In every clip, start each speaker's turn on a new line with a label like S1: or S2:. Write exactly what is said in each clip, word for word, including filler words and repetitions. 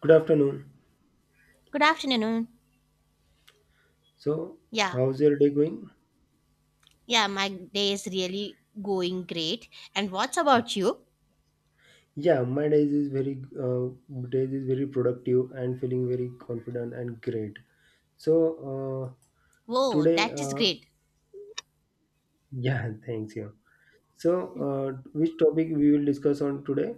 S1: Good afternoon.
S2: Good afternoon.
S1: So,
S2: Yeah,
S1: how's your day going?
S2: yeah, my day is really going great. And what's about you?
S1: Yeah, my day is very uh, day is very productive and feeling very confident and great. So, uh,
S2: Whoa,
S1: today,
S2: that is
S1: uh,
S2: great.
S1: yeah, thanks. Yeah. So, uh, which topic we will discuss on today?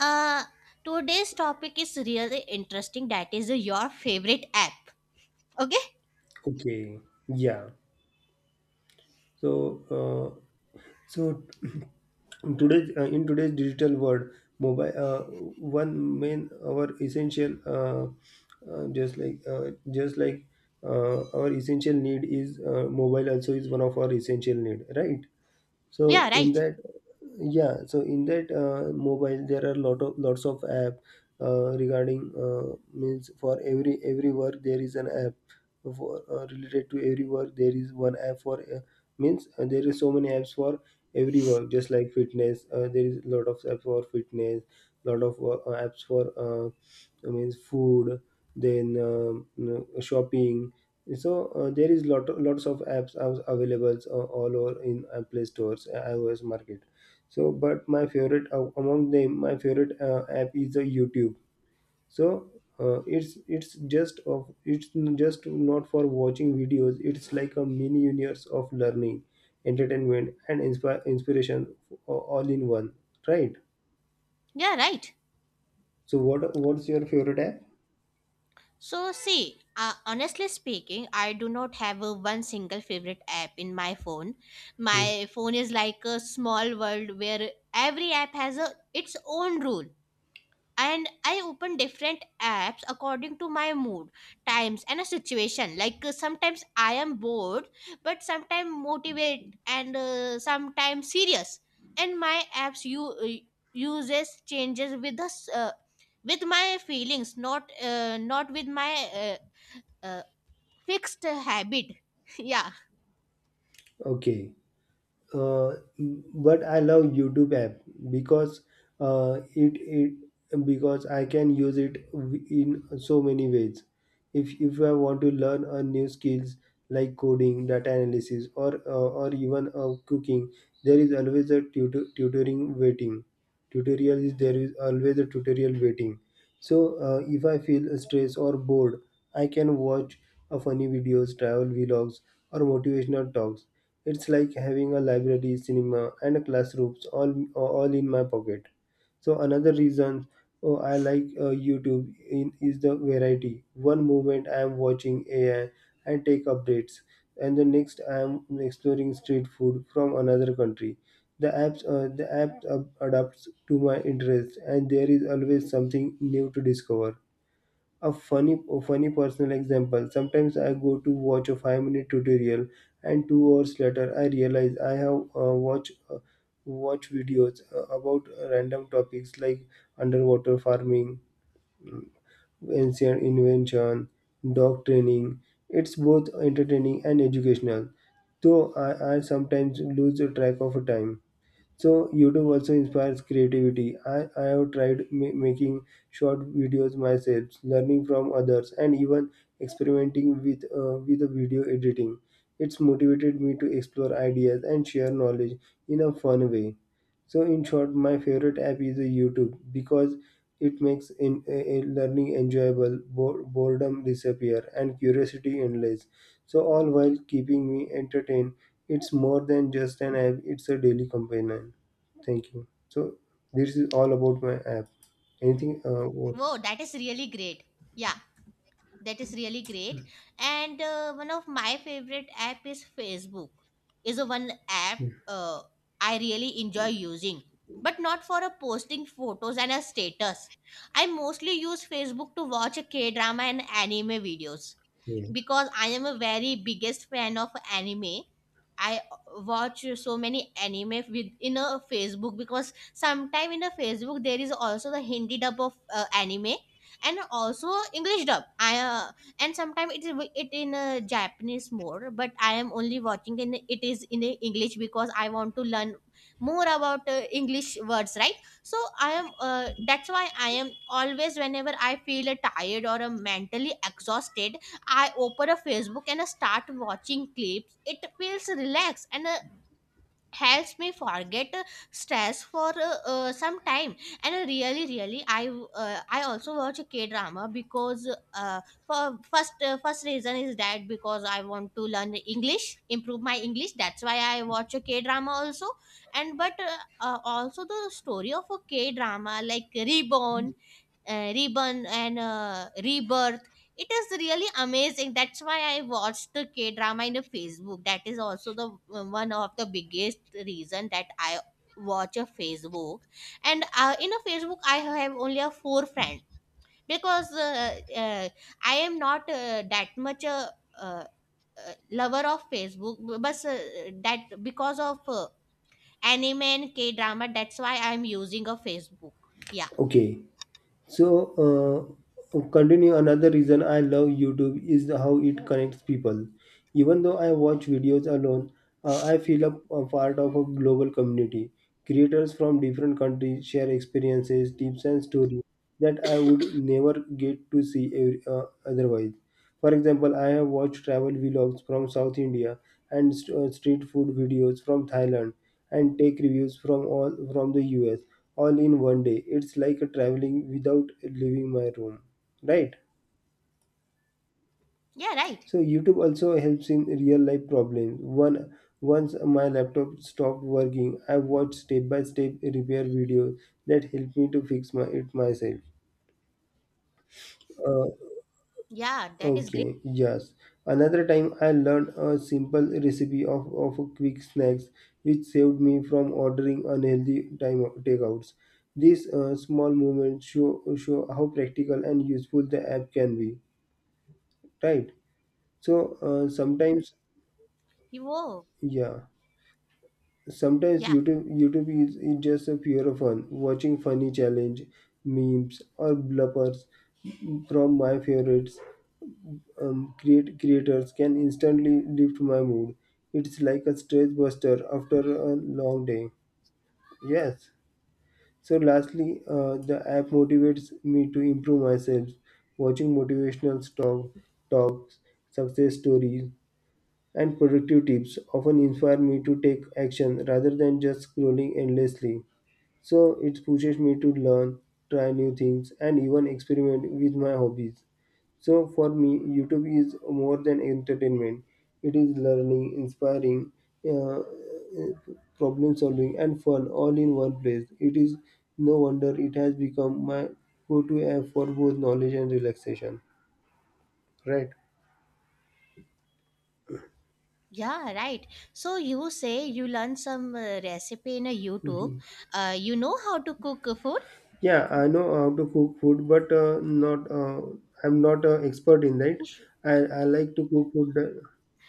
S2: Uh, Today's topic is really interesting. That is your favorite app. Okay?
S1: Okay. Yeah. So, uh, So in today's uh, in today's digital world, mobile uh, one main our essential uh, uh, just like uh, just like uh, our essential need is uh, mobile also is one of our essential need, right? so
S2: Yeah,
S1: in
S2: right.
S1: that Yeah, so in that uh, mobile there are lot of lots of app, uh, regarding, uh, means for every every work there is an app for uh, related to every work there is one app for uh, means uh, there is so many apps for every work, just like fitness. Uh, there is a lot of apps for fitness, lot of uh, apps for, uh, means food, then um, you know, shopping. So uh, there is lot lots of apps av- available uh, all over in uh, Play Stores, uh, iOS market. So, but my favorite uh, among them, my favorite uh, app is uh, YouTube. So uh, it's it's just of it's just not for watching videos. It's like a mini universe of learning, entertainment, and inspi- inspiration a- all in one. Right.
S2: Yeah, right.
S1: So what what's your favorite app?
S2: So, see, uh, honestly speaking, I do not have a one single favorite app in my phone.
S1: Hmm.
S2: My phone is like a small world where every app has a its own rule, and I open different apps according to my mood, times and a situation. Like uh, sometimes I am bored, but sometimes motivate and uh, sometimes serious, and my apps you uh, uses changes with us uh, with my feelings, not uh, not with my uh, uh, fixed habit. Yeah.
S1: Okay. uh, but I love YouTube app because uh, it it because I can use it w- in so many ways. If if I want to learn a new skills like coding, data analysis, or uh, or even uh, cooking, there is always a tutor- tutoring waiting. Tutorial is there is always a tutorial waiting. So uh, if I feel stressed or bored, I can watch a funny videos, travel vlogs, or motivational talks. It's like having a library, cinema, and a classrooms all all in my pocket. So another reason oh, I like uh, YouTube in, is the variety. One moment I am watching A I and take updates, and the next I am exploring street food from another country. The apps uh, the app uh, adapts to my interests, and there is always something new to discover. A funny a funny personal example, sometimes I go to watch a five minute tutorial and two hours later I realize I have uh, watched uh, watch videos uh, about uh, random topics like underwater farming, mm, ancient invention, dog training. It's both entertaining and educational, though i, I sometimes lose track of time. So YouTube also inspires creativity. i, I have tried ma- making short videos myself, learning from others, and even experimenting with uh, with the video editing. It's motivated me to explore ideas and share knowledge in a fun way. So in short, my favorite app is a YouTube because it makes in, uh, learning enjoyable, bo- boredom disappear, and curiosity endless. So all while keeping me entertained, it's more than just an app; it's a daily companion. Thank you. So this is all about my app. Anything? Uh, what?
S2: Wow, that is really great. Yeah, that is really great. And uh, one of my favorite app is Facebook. Is a one app uh, I really enjoy using, but not for a posting photos and a status. I mostly use Facebook to watch a K drama and anime videos
S1: Yeah.
S2: because I am a very biggest fan of anime. I watch so many anime within a Facebook because sometime in a Facebook there is also the Hindi dub of uh, anime, and also English dub. I uh, And sometimes it is wi- it in a Japanese more, but I am only watching in it is in a English because I want to learn more about uh, English words, right? So I am uh, that's why I am always, whenever I feel uh, tired or uh, mentally exhausted, I open a Facebook and I start watching clips. It feels relaxed and uh, helps me forget uh, stress for uh, uh, some time. And uh, really, really, I uh, I also watch a K drama because, uh, for first uh, first reason is that because I want to learn English, improve my English. That's why I watch a K drama also. And but uh, uh, also the story of a K drama, like Reborn, uh, Reborn and uh, Rebirth. It is really amazing. That's why I watched the K drama in the Facebook. That is also the uh, one of the biggest reason that I watch a Facebook. And uh, in a Facebook, I have only a four friend because uh, uh, I am not uh, that much a. Uh, uh, Lover of Facebook, b- but uh, that because of uh, anime and K drama, that's why I'm using a Facebook. Yeah,
S1: Okay. So, uh, continue, another reason I love YouTube is how it connects people. Even though I watch videos alone, uh, I feel a, a part of a global community. Creators from different countries share experiences, tips, and stories that I would never get to see every, uh, otherwise. For example, I have watched travel vlogs from South India and st- uh, street food videos from Thailand and tech reviews from all from the U S, all in one day. It's like a traveling without leaving my room, right?
S2: yeah, right.
S1: So YouTube also helps in real life problems. One Once my laptop stopped working, I watched step by step repair videos that helped me to fix my it myself. Uh,
S2: Yeah, that is great.
S1: Okay, yes. Another time I learned a simple recipe of, of quick snacks which saved me from ordering unhealthy time takeouts. These uh, small moments show, show how practical and useful the app can be, right? So uh, sometimes,
S2: You oh,
S1: yeah, sometimes
S2: yeah,
S1: YouTube YouTube is, is just a pure fun, watching funny challenge, memes or bloopers from my favorites um, create creators can instantly lift my mood. It's like a stress buster after a long day. Yes. So lastly, uh, the app motivates me to improve myself. Watching motivational talk, talks, success stories, and productive tips often inspire me to take action rather than just scrolling endlessly. So it pushes me to learn, try new things, and even experiment with my hobbies. So for me, YouTube is more than entertainment. It is learning, inspiring, uh, problem solving, and fun all in one place. It is no wonder it has become my go-to app for both knowledge and relaxation. Right?
S2: yeah, right. So you say you learned some uh, recipe in a YouTube.
S1: Mhm.
S2: Uh, you know how to cook uh, food,
S1: Yeah, I know how to cook food, but uh, not uh, I'm not an expert in that. I, I like to cook food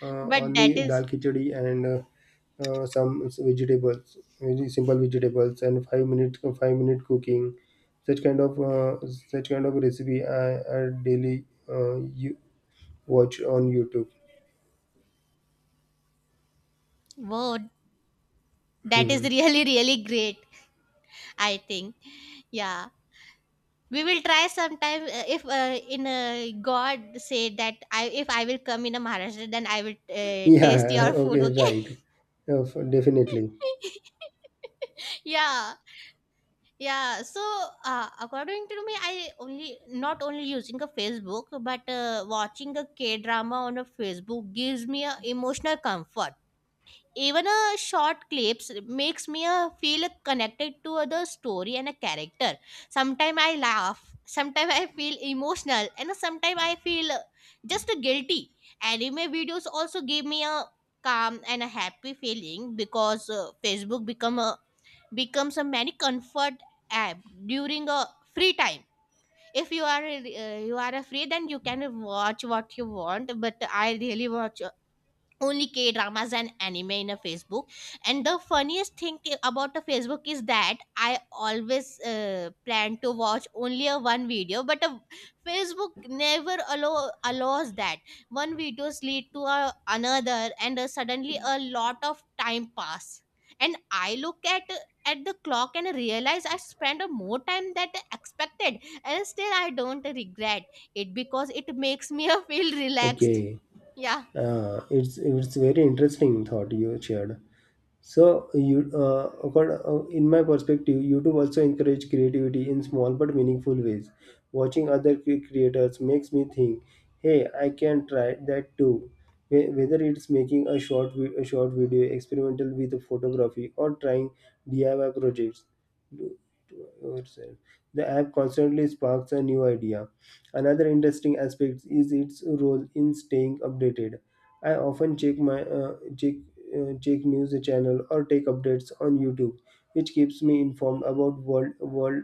S1: uh,
S2: but
S1: only
S2: that
S1: dal
S2: is,
S1: khichdi and uh, uh, some vegetables, very simple vegetables, and five minute five minute cooking, such kind of uh, such kind of recipe I, I daily uh, you watch on YouTube.
S2: whoa, that is
S1: Mhm.
S2: really really great. I think, yeah. We will try sometime uh, if uh, in uh, God say that I, if I will come in a Maharashtra, then I will uh, taste
S1: Yeah,
S2: your food,
S1: okay,
S2: okay.
S1: right. Uh, f- definitely.
S2: Yeah. Yeah, so uh, according to me, I only not only using a Facebook, but uh, watching a K drama on a Facebook gives me a emotional comfort. Even a short clips makes me uh, feel connected to the story and a character. Sometimes I laugh, sometimes I feel emotional, and sometimes I feel uh, just guilty. Anime videos also give me a calm and a happy feeling, because uh, Facebook become a becomes a many comfort app during a free time. If you are uh, you are free, then you can watch what you want, but I really watch only K dramas and anime in a Facebook. And the funniest thing i- about the Facebook is that I always uh, plan to watch only a one video, but a Facebook never allow allows that. One videos lead to a, another, and uh, suddenly a lot of time pass. And I look at at the clock and realize I spent a more time than expected, and still I don't regret it because it makes me feel relaxed.
S1: Okay.
S2: Yeah.
S1: Uh, it's it's very interesting thought you shared. So you, uh, accord- uh, in my perspective, YouTube also encourage creativity in small but meaningful ways. Watching other cre- creators makes me think, "Hey, I can try that too." Whe- Whether it's making a short vi- a short video, experimental with photography, or trying D I Y projects, do- do yourself, the app constantly sparks a new idea. Another interesting aspect is its role in staying updated. I often check my uh, check, uh, check news channel or take updates on YouTube, which keeps me informed about world world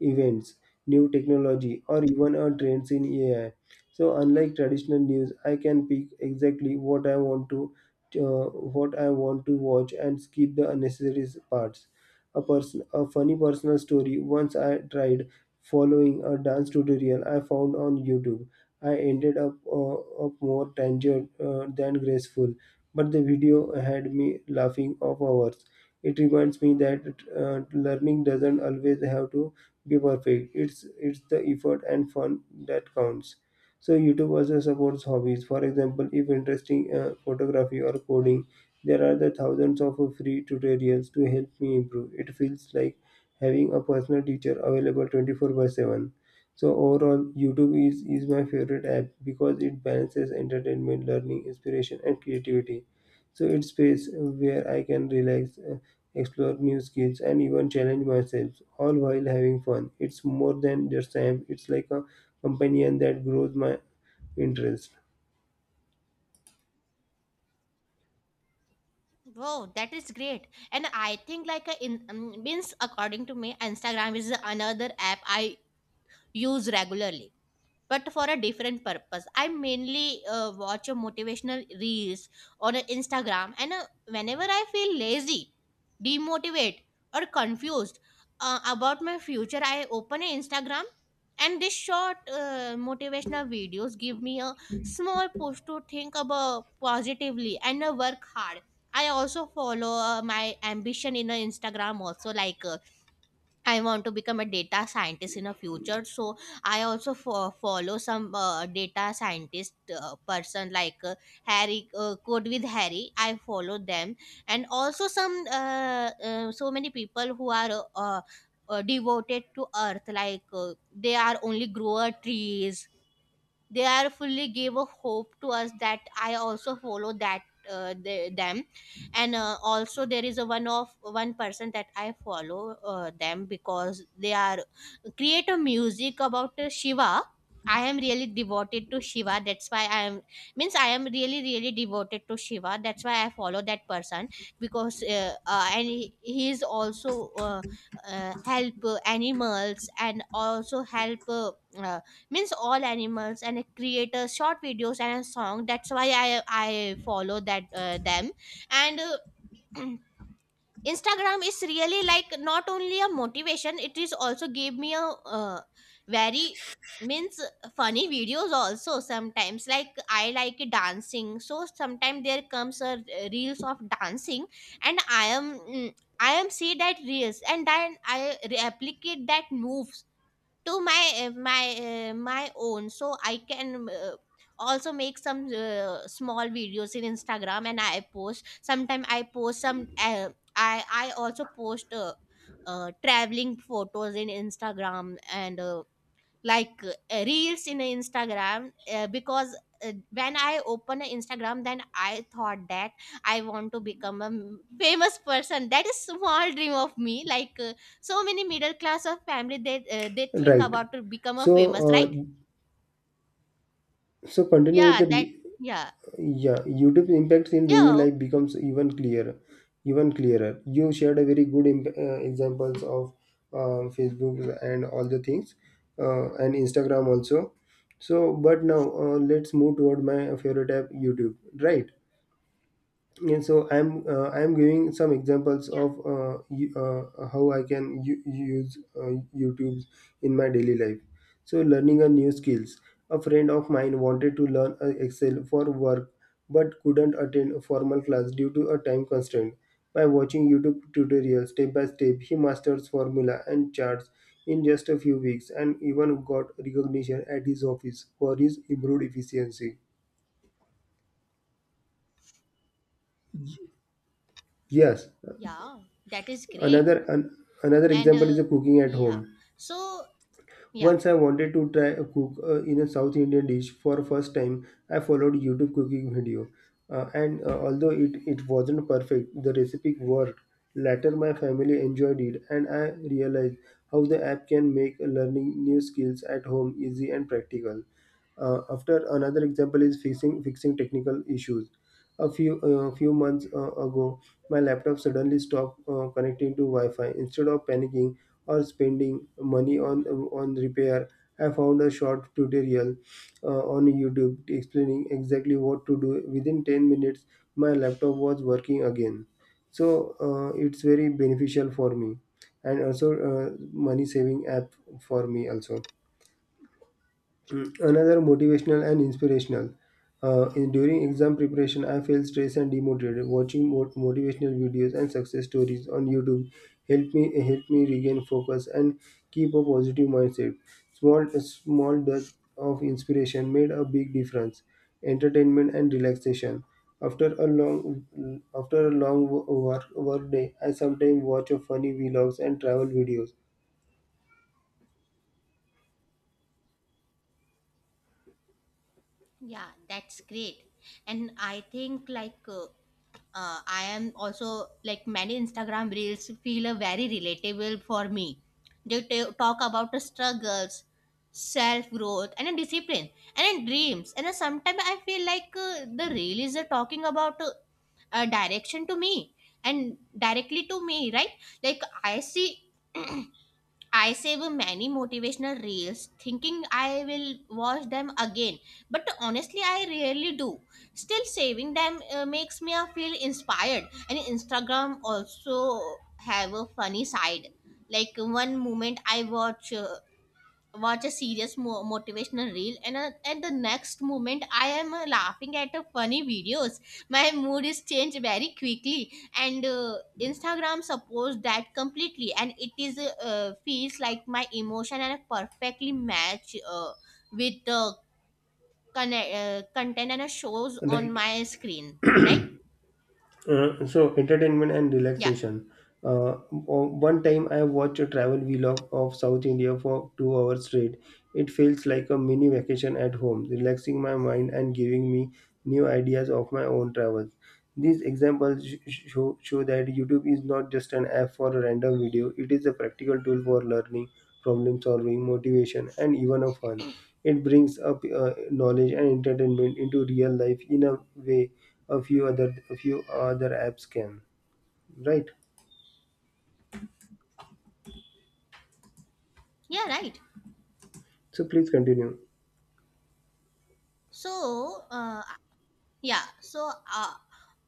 S1: events, new technology, or even our trends in A I. So unlike traditional news, I can pick exactly what I want to uh, what I want to watch and skip the unnecessary parts. A person a funny personal story. Once I tried following a dance tutorial I found on YouTube. I ended up uh, up more tangled uh, than graceful, but the video had me laughing off hours. It reminds me that uh, learning doesn't always have to be perfect. It's it's the effort and fun that counts. So YouTube also supports hobbies. For example, if interesting uh, photography or coding, there are the thousands of free tutorials to help me improve. It feels like having a personal teacher available twenty-four by seven. So overall, YouTube is, is my favorite app because it balances entertainment, learning, inspiration, and creativity. So it's space where I can relax, uh, explore new skills, and even challenge myself, all while having fun. It's more than just time, it's like a companion that grows my interest.
S2: Wow, that is great. And I think like uh, in um, means according to me, Instagram is another app I use regularly, but for a different purpose. I mainly uh, watch a motivational reels on a Instagram, and uh, whenever I feel lazy, demotivated, or confused uh, about my future, I open a Instagram, and these short uh, motivational videos give me a small push to think about positively and uh, work hard. I also follow uh, my ambition in uh, Instagram also. Like uh, I want to become a data scientist in a future. So I also fo- follow some uh, data scientist uh, person, like uh, Harry, uh, Code with Harry. I follow them, and also some uh, uh, so many people who are uh, uh, devoted to Earth. Like uh, they are only grower trees, they are fully gave a hope to us, that I also follow that uh, the, them. And uh, also there is a one of one person that I follow uh, them because they are create a music about uh, Shiva. I am really devoted to Shiva, that's why I am, means I am really really devoted to Shiva, that's why I follow that person because uh, uh, and he, he is also uh, uh, help uh, animals, and also help uh, uh, means all animals, and a creator short videos and a song. That's why i i follow that uh, them. And uh, Instagram is really like not only a motivation, it is also gave me a uh, very, means funny videos also. Sometimes, like I like dancing, so sometimes there comes a uh, reels of dancing, and I am, mm, I am see that reels and then I replicate that moves to my uh, my uh, my own. So I can uh, also make some uh, small videos in Instagram, and I post. Sometimes I post some uh, i I also post uh, uh, traveling photos in Instagram, and uh, like uh, reels in Instagram uh, because uh, when I open Instagram, then I thought that I want to become a m- famous person. That is small dream of me. Like uh, so many middle class of family, they uh, they think
S1: Right.
S2: about to become a
S1: So,
S2: famous,
S1: uh,
S2: right?
S1: so continue with
S2: Yeah,
S1: the
S2: that,
S1: re-
S2: yeah,
S1: yeah. YouTube impacts in daily
S2: yeah,
S1: life
S2: okay,
S1: becomes even clearer, even clearer. You shared a very good imp- uh, examples of uh, Facebook and all the things, uh, and Instagram also. So, but now uh, let's move toward my favorite app, YouTube. Right. and so i'm uh, I'm giving some examples
S2: yeah,
S1: of uh, y- uh, how I can u- use uh, YouTube in my daily life. So learning a new skills, a friend of mine wanted to learn uh, Excel for work but couldn't attend a formal class due to a time constraint. By watching YouTube tutorials step by step, he masters formula and charts in just a few weeks, and even got recognition at his office for his improved efficiency. Yes.
S2: yeah, that is great.
S1: another an, Another
S2: And
S1: example
S2: uh,
S1: is a cooking at
S2: yeah,
S1: home.
S2: so yeah.
S1: Once I wanted to try a cook uh, in a south Indian dish for first time. I followed YouTube cooking video. Uh, and uh, although it, it wasn't perfect, the recipe worked. Later my family enjoyed it and I realized how the app can make learning new skills at home easy and practical. Uh, after Another example is fixing fixing technical issues. A few uh, Few months uh, ago, my laptop suddenly stopped uh, connecting to Wi-Fi. Instead of panicking or spending money on on repair, I found a short tutorial uh, on YouTube explaining exactly what to do. Within ten minutes, my laptop was working again. So uh, it's very beneficial for me, and also uh, money saving app for me also. Mm, Another motivational and inspirational. Uh, in, during exam preparation, I felt stressed and demotivated. Watching mo- motivational videos and success stories on YouTube helped me help me regain focus and keep a positive mindset. Small small dose of inspiration made a big difference. Entertainment and relaxation. After a long After a long wo- work work day, I sometimes watch a funny vlogs and travel videos.
S2: Yeah, that's great. And I think like uh, uh, I am also like many Instagram reels feel uh, very relatable for me. They ta- talk about the struggles, self growth, and a discipline, and a dreams. And sometimes I feel like uh, the reel is uh, talking about uh, a direction to me, and directly to me, right? Like I see, I save many motivational reels thinking I will watch them again, but honestly, I rarely do. Still, saving them uh, makes me uh, feel inspired. And Instagram also have a funny side. Like one moment I watch uh, watch a serious mo- motivational reel, and uh, at the next moment I am uh, laughing at uh, funny videos. My mood is changed very quickly, and uh, Instagram supports that completely, and it is uh, uh, feels like my emotion and perfectly match uh, with the con- uh, content and uh, shows on
S1: Right.
S2: my screen, right?
S1: Uh, so entertainment and
S2: Yeah,
S1: relaxation. Uh, o- One time I watched a travel vlog of South India for two hours straight. It feels like a mini vacation at home, relaxing my mind and giving me new ideas of my own travels. These examples sh- sh- show, show that YouTube is not just an app for a random video, it is a practical tool for learning, problem solving, motivation, and even a fun. It brings up uh, knowledge and entertainment into real life in a way a few other a few other apps can. Right,
S2: yeah, right.
S1: so please continue.
S2: So uh, yeah, so uh,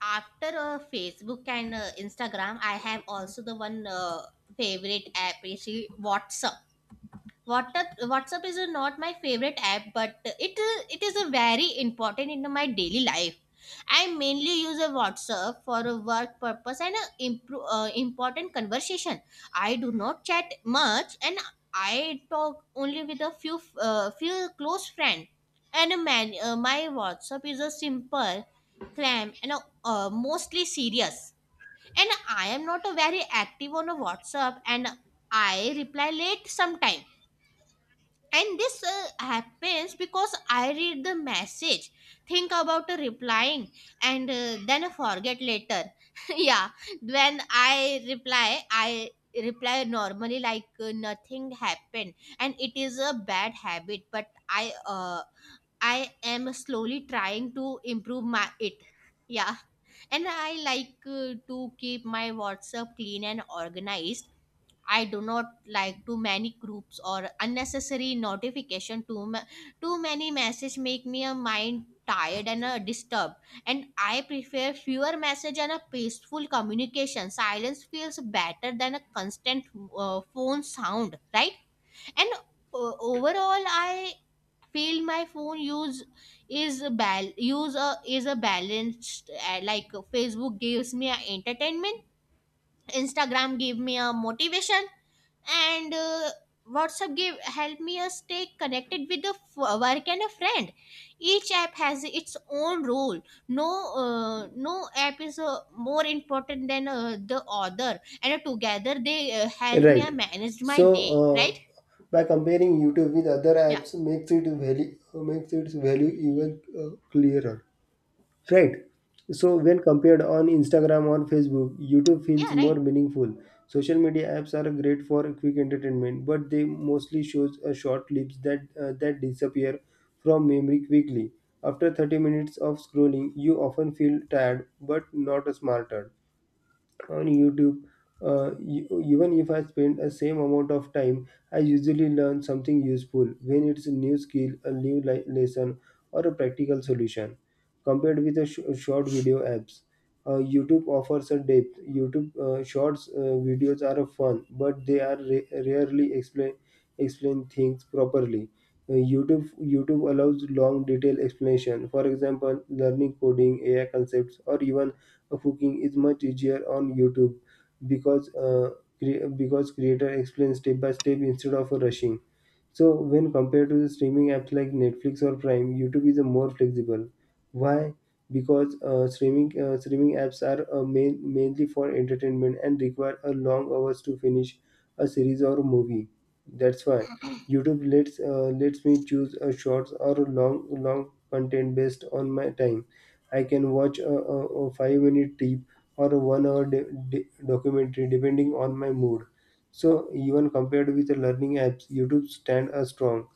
S2: after uh, Facebook and uh, Instagram, I have also the one uh, favorite app is WhatsApp. WhatsApp WhatsApp is uh, not my favorite app, but it uh, it is a very important in my daily life. I mainly use a WhatsApp for a work purpose and uh, impro- uh, important conversation. I do not chat much, and I talk only with a few uh, few close friends. And uh, man, uh, my WhatsApp is a simple, clam and uh, uh, mostly serious, and I am not a very active on a WhatsApp. And I reply late sometime, and this uh, happens because I read the message, think about uh, replying, and uh, then forget later. Yeah. When I reply, I reply normally, like uh, nothing happened, and it is a bad habit, but i uh, I am slowly trying to improve my it. Yeah. And I like uh, to keep my WhatsApp clean and organized. I do not like too many groups or unnecessary notification. Too ma- too many message make me a mind tired and uh, disturbed. And I prefer fewer message and a peaceful communication. Silence feels better than a constant uh, phone sound, right? And uh, overall, I feel my phone use is a bal- use a is a balanced, uh, like Facebook gives me a entertainment. Instagram give me a motivation and uh, WhatsApp give help me us stay connected with the f- work and a friend. Each app has its own role. No, uh, no app is uh, more important than uh, the other, and uh, together they uh, help me
S1: Right,
S2: uh, manage my
S1: so
S2: day,
S1: uh,
S2: right?
S1: by comparing YouTube with other
S2: Yeah.
S1: apps makes it value uh, makes its value even uh, clearer. Right. So when compared on Instagram or Facebook, YouTube feels
S2: Yeah,
S1: more
S2: right.
S1: meaningful. Social media apps are great for quick entertainment, but they mostly shows uh, short clips that uh, that disappear from memory quickly. After thirty minutes of scrolling, you often feel tired but not smarter. On YouTube, Uh, e- even if I spend the same amount of time, I usually learn something useful when it's a new skill, a new li- lesson, or a practical solution. Compared with the sh- short video apps, uh, YouTube offers a depth. YouTube uh, shorts uh, videos are fun, but they are ra- rarely explain explain things properly. Uh, YouTube YouTube allows long detailed explanation. For example, learning coding, A I concepts, or even cooking is much easier on YouTube because uh, cre- because creator explains step by step instead of rushing. So when compared to the streaming apps like Netflix or Prime, YouTube is a more flexible. Why? Because uh, streaming uh, streaming apps are uh, main, mainly for entertainment and require a long hours to finish a series or a movie. That's why YouTube lets uh, lets me choose a shorts or a long long content based on my time. I can watch a, a, a five minute clip or a one hour de- de- documentary depending on my mood. So even compared with the learning apps, YouTube stand a strong.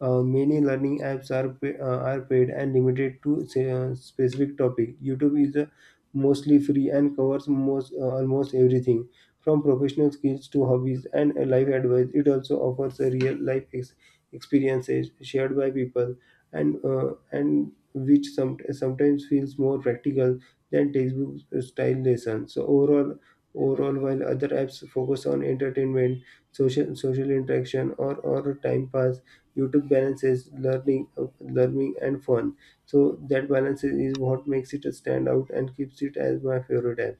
S1: Uh, many learning apps are pa- uh, are paid and limited to say, uh, specific topic. YouTube is uh, mostly free and covers most uh, almost everything from professional skills to hobbies and uh, life advice. It also offers a real life ex- experiences shared by people, and uh, and which some, sometimes feels more practical than textbook style lessons. So overall, overall, while other apps focus on entertainment, social social interaction, or or time pass, YouTube balance is learning, uh, learning and fun. So that balance is is what makes it stand out and keeps it as my favorite app.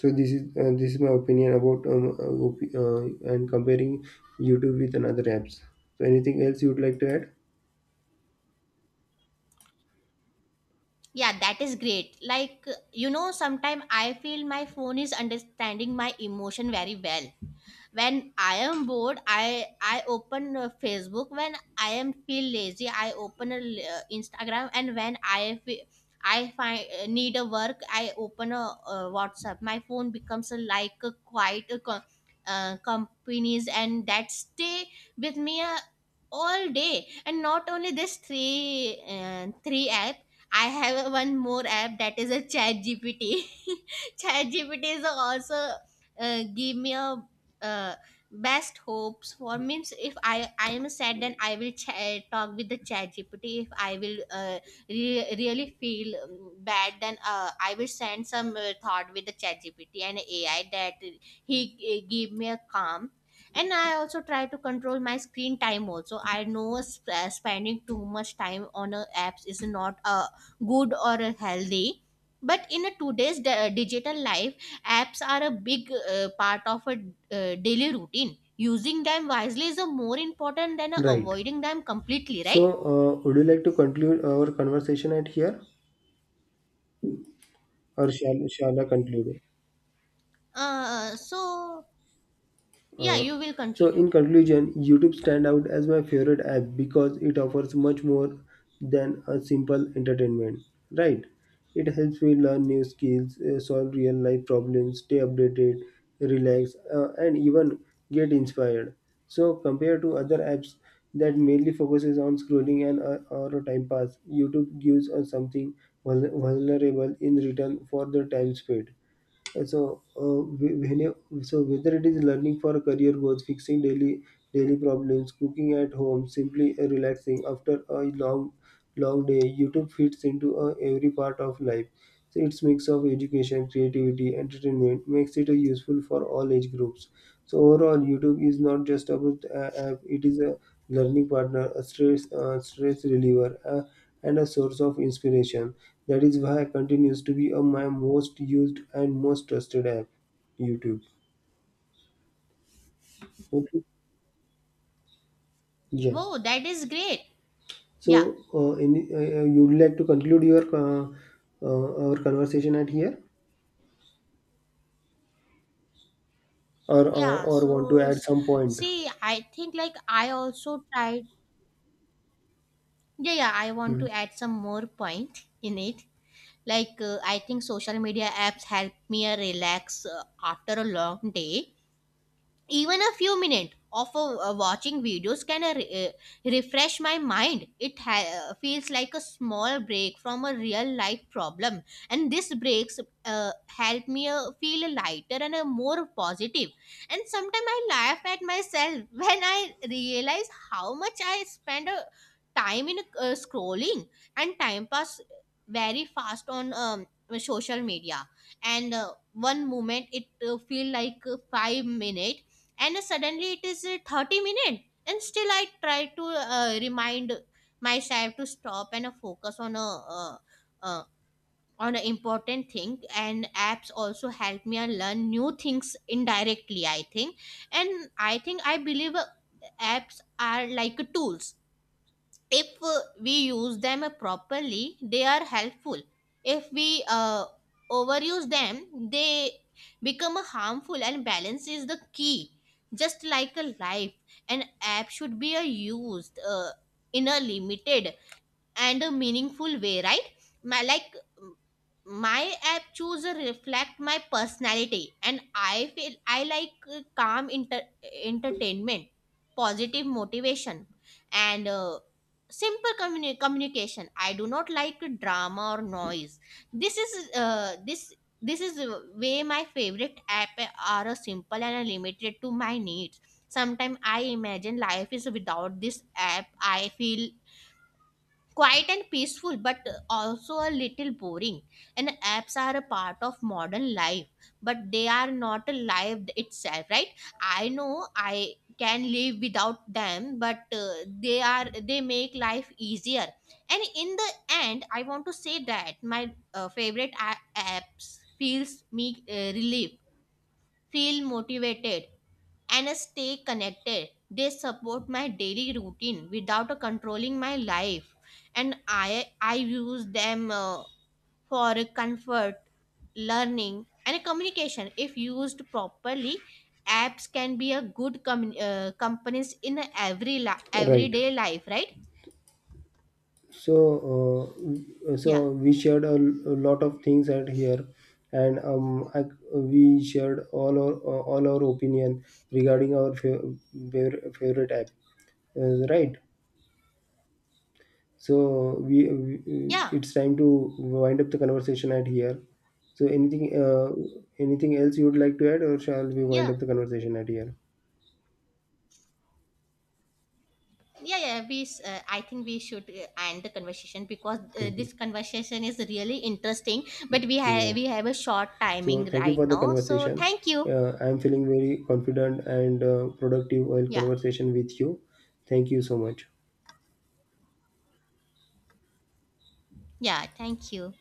S1: So this is uh, this is my opinion about um, uh, op- uh, and comparing YouTube with another apps. So anything else you would like to add?
S2: Yeah, that is great. Like, uh, you know sometimes I feel my phone is understanding my emotion very well. When I am bored, i i open uh, Facebook. When I am feel lazy, I open a, l- uh, Instagram. And when I fe- I find uh, need a work, I open a uh, WhatsApp. My phone becomes a, like a quiet uh, co- uh, companies and that stay with me, uh, all day. And not only this three, uh, three app. I have a one more app, that is a Chat GPT. Chat GPT is also uh, give me a uh, best hopes for. Means if i i am sad, then I will ch- talk with the Chat GPT. If I will uh, re- really feel um, bad, then uh, I will send some uh, thought with the Chat GPT and AI, that he uh, give me a calm. And I also try to control my screen time also. I know sp- uh, spending too much time on uh, apps is not uh, good or uh, healthy, but in a today's d- digital life, apps are a big uh, part of a uh, daily routine. Using them wisely is a more important than uh,
S1: Right.
S2: avoiding them completely,
S1: So
S2: right?
S1: uh, would you like to conclude our conversation at here, or shall shall I conclude?
S2: Uh, so, yeah,
S1: Uh,
S2: you will
S1: so
S2: continue.
S1: in conclusion, YouTube stand out as my favorite app because it offers much more than a simple entertainment. Right? It helps me learn new skills, uh, solve real life problems, stay updated, relax, uh, and even get inspired. So compared to other apps that mainly focuses on scrolling and uh, or a time pass, YouTube gives us something vul- vulnerable in return for the time spent. So uh, when you, so whether it is learning for career goals, fixing daily daily problems, cooking at home, simply uh, relaxing after a long long day, YouTube fits into uh, every part of life. So its mix of education, creativity, entertainment makes it uh, useful for all age groups. So overall, YouTube is not just about a app; it is a learning partner, a stress uh, stress reliever, uh, and a source of inspiration. That is why it continues to be a, my most used and most trusted app, YouTube. Okay. Yeah.
S2: Wow, that is great. Yeah.
S1: So, uh, any, uh, uh, you would like to conclude your uh, uh, our conversation at here, or uh,
S2: Yeah,
S1: or want to
S2: so
S1: add
S2: s-
S1: some point?
S2: see, I think, like, I also tried. Yeah, yeah, I want
S1: Hmm.
S2: to add some more point in it. Like, uh, I think social media apps help me uh, relax uh, after a long day. Even a few minutes of uh, uh, watching videos can uh, re- uh, refresh my mind. It ha- uh, feels like a small break from a real life problem, and these breaks uh, help me uh, feel lighter and uh, more positive. And sometimes I laugh at myself when I realize how much I spend, uh, time in uh, scrolling, and time pass very fast on um, social media. And uh, one moment it uh, feel like uh, five minutes, and suddenly it is uh, thirty minutes. And still I try to uh, remind myself to stop and uh, focus on a uh, uh, on an important thing. And apps also help me and learn new things indirectly, I think. And I think I believe, uh, apps are like tools. If uh, we use them properly, they are helpful. If we uh, overuse them, they become harmful. And balance is the key. Just like a life, an app should be uh, used uh, in a limited and a meaningful way, right? Ma- like, my app choose reflect my personality, and I feel I like uh, calm inter- entertainment, positive motivation, and uh, simple communi- communication. I do not like drama or noise. This is uh, this this is uh, way my favorite app are uh, simple and a limited to my needs. Sometimes I imagine life is without this app, I feel quiet and peaceful, but also a little boring. And apps are a part of modern life, but they are not a life itself, right? I know I can live without them, but uh, they are they make life easier. And in the end, I want to say that my uh, favorite a- apps feels me uh, relief, feel motivated, and stay connected. They support my daily routine without uh, controlling my life, and I I use them uh, for comfort, learning, and communication. If used properly, apps can be a good com- uh, companies in every li
S1: Right.
S2: everyday life, right?
S1: So, uh,
S2: Yeah,
S1: so we shared a, a lot of things at here, and um, I, we shared all our all our opinion regarding our fav- favorite favorite app, uh, right? So we, we
S2: yeah,
S1: it's time to wind up the conversation at here. So anything uh, anything else you would like to add, or shall we wind
S2: yeah.
S1: up the conversation at here?
S2: Yeah, yeah, we s- uh, I think we should uh, end the conversation, because uh, this conversation is really interesting, but we
S1: Mhm. Yeah.
S2: have we have a short
S1: So
S2: timing
S1: thank you
S2: right
S1: for the
S2: now. So
S1: conversation.
S2: thank you.
S1: Uh, I am feeling very confident and uh, productive while
S2: Yeah,
S1: conversation with you. Thank you so much.
S2: yeah, thank you.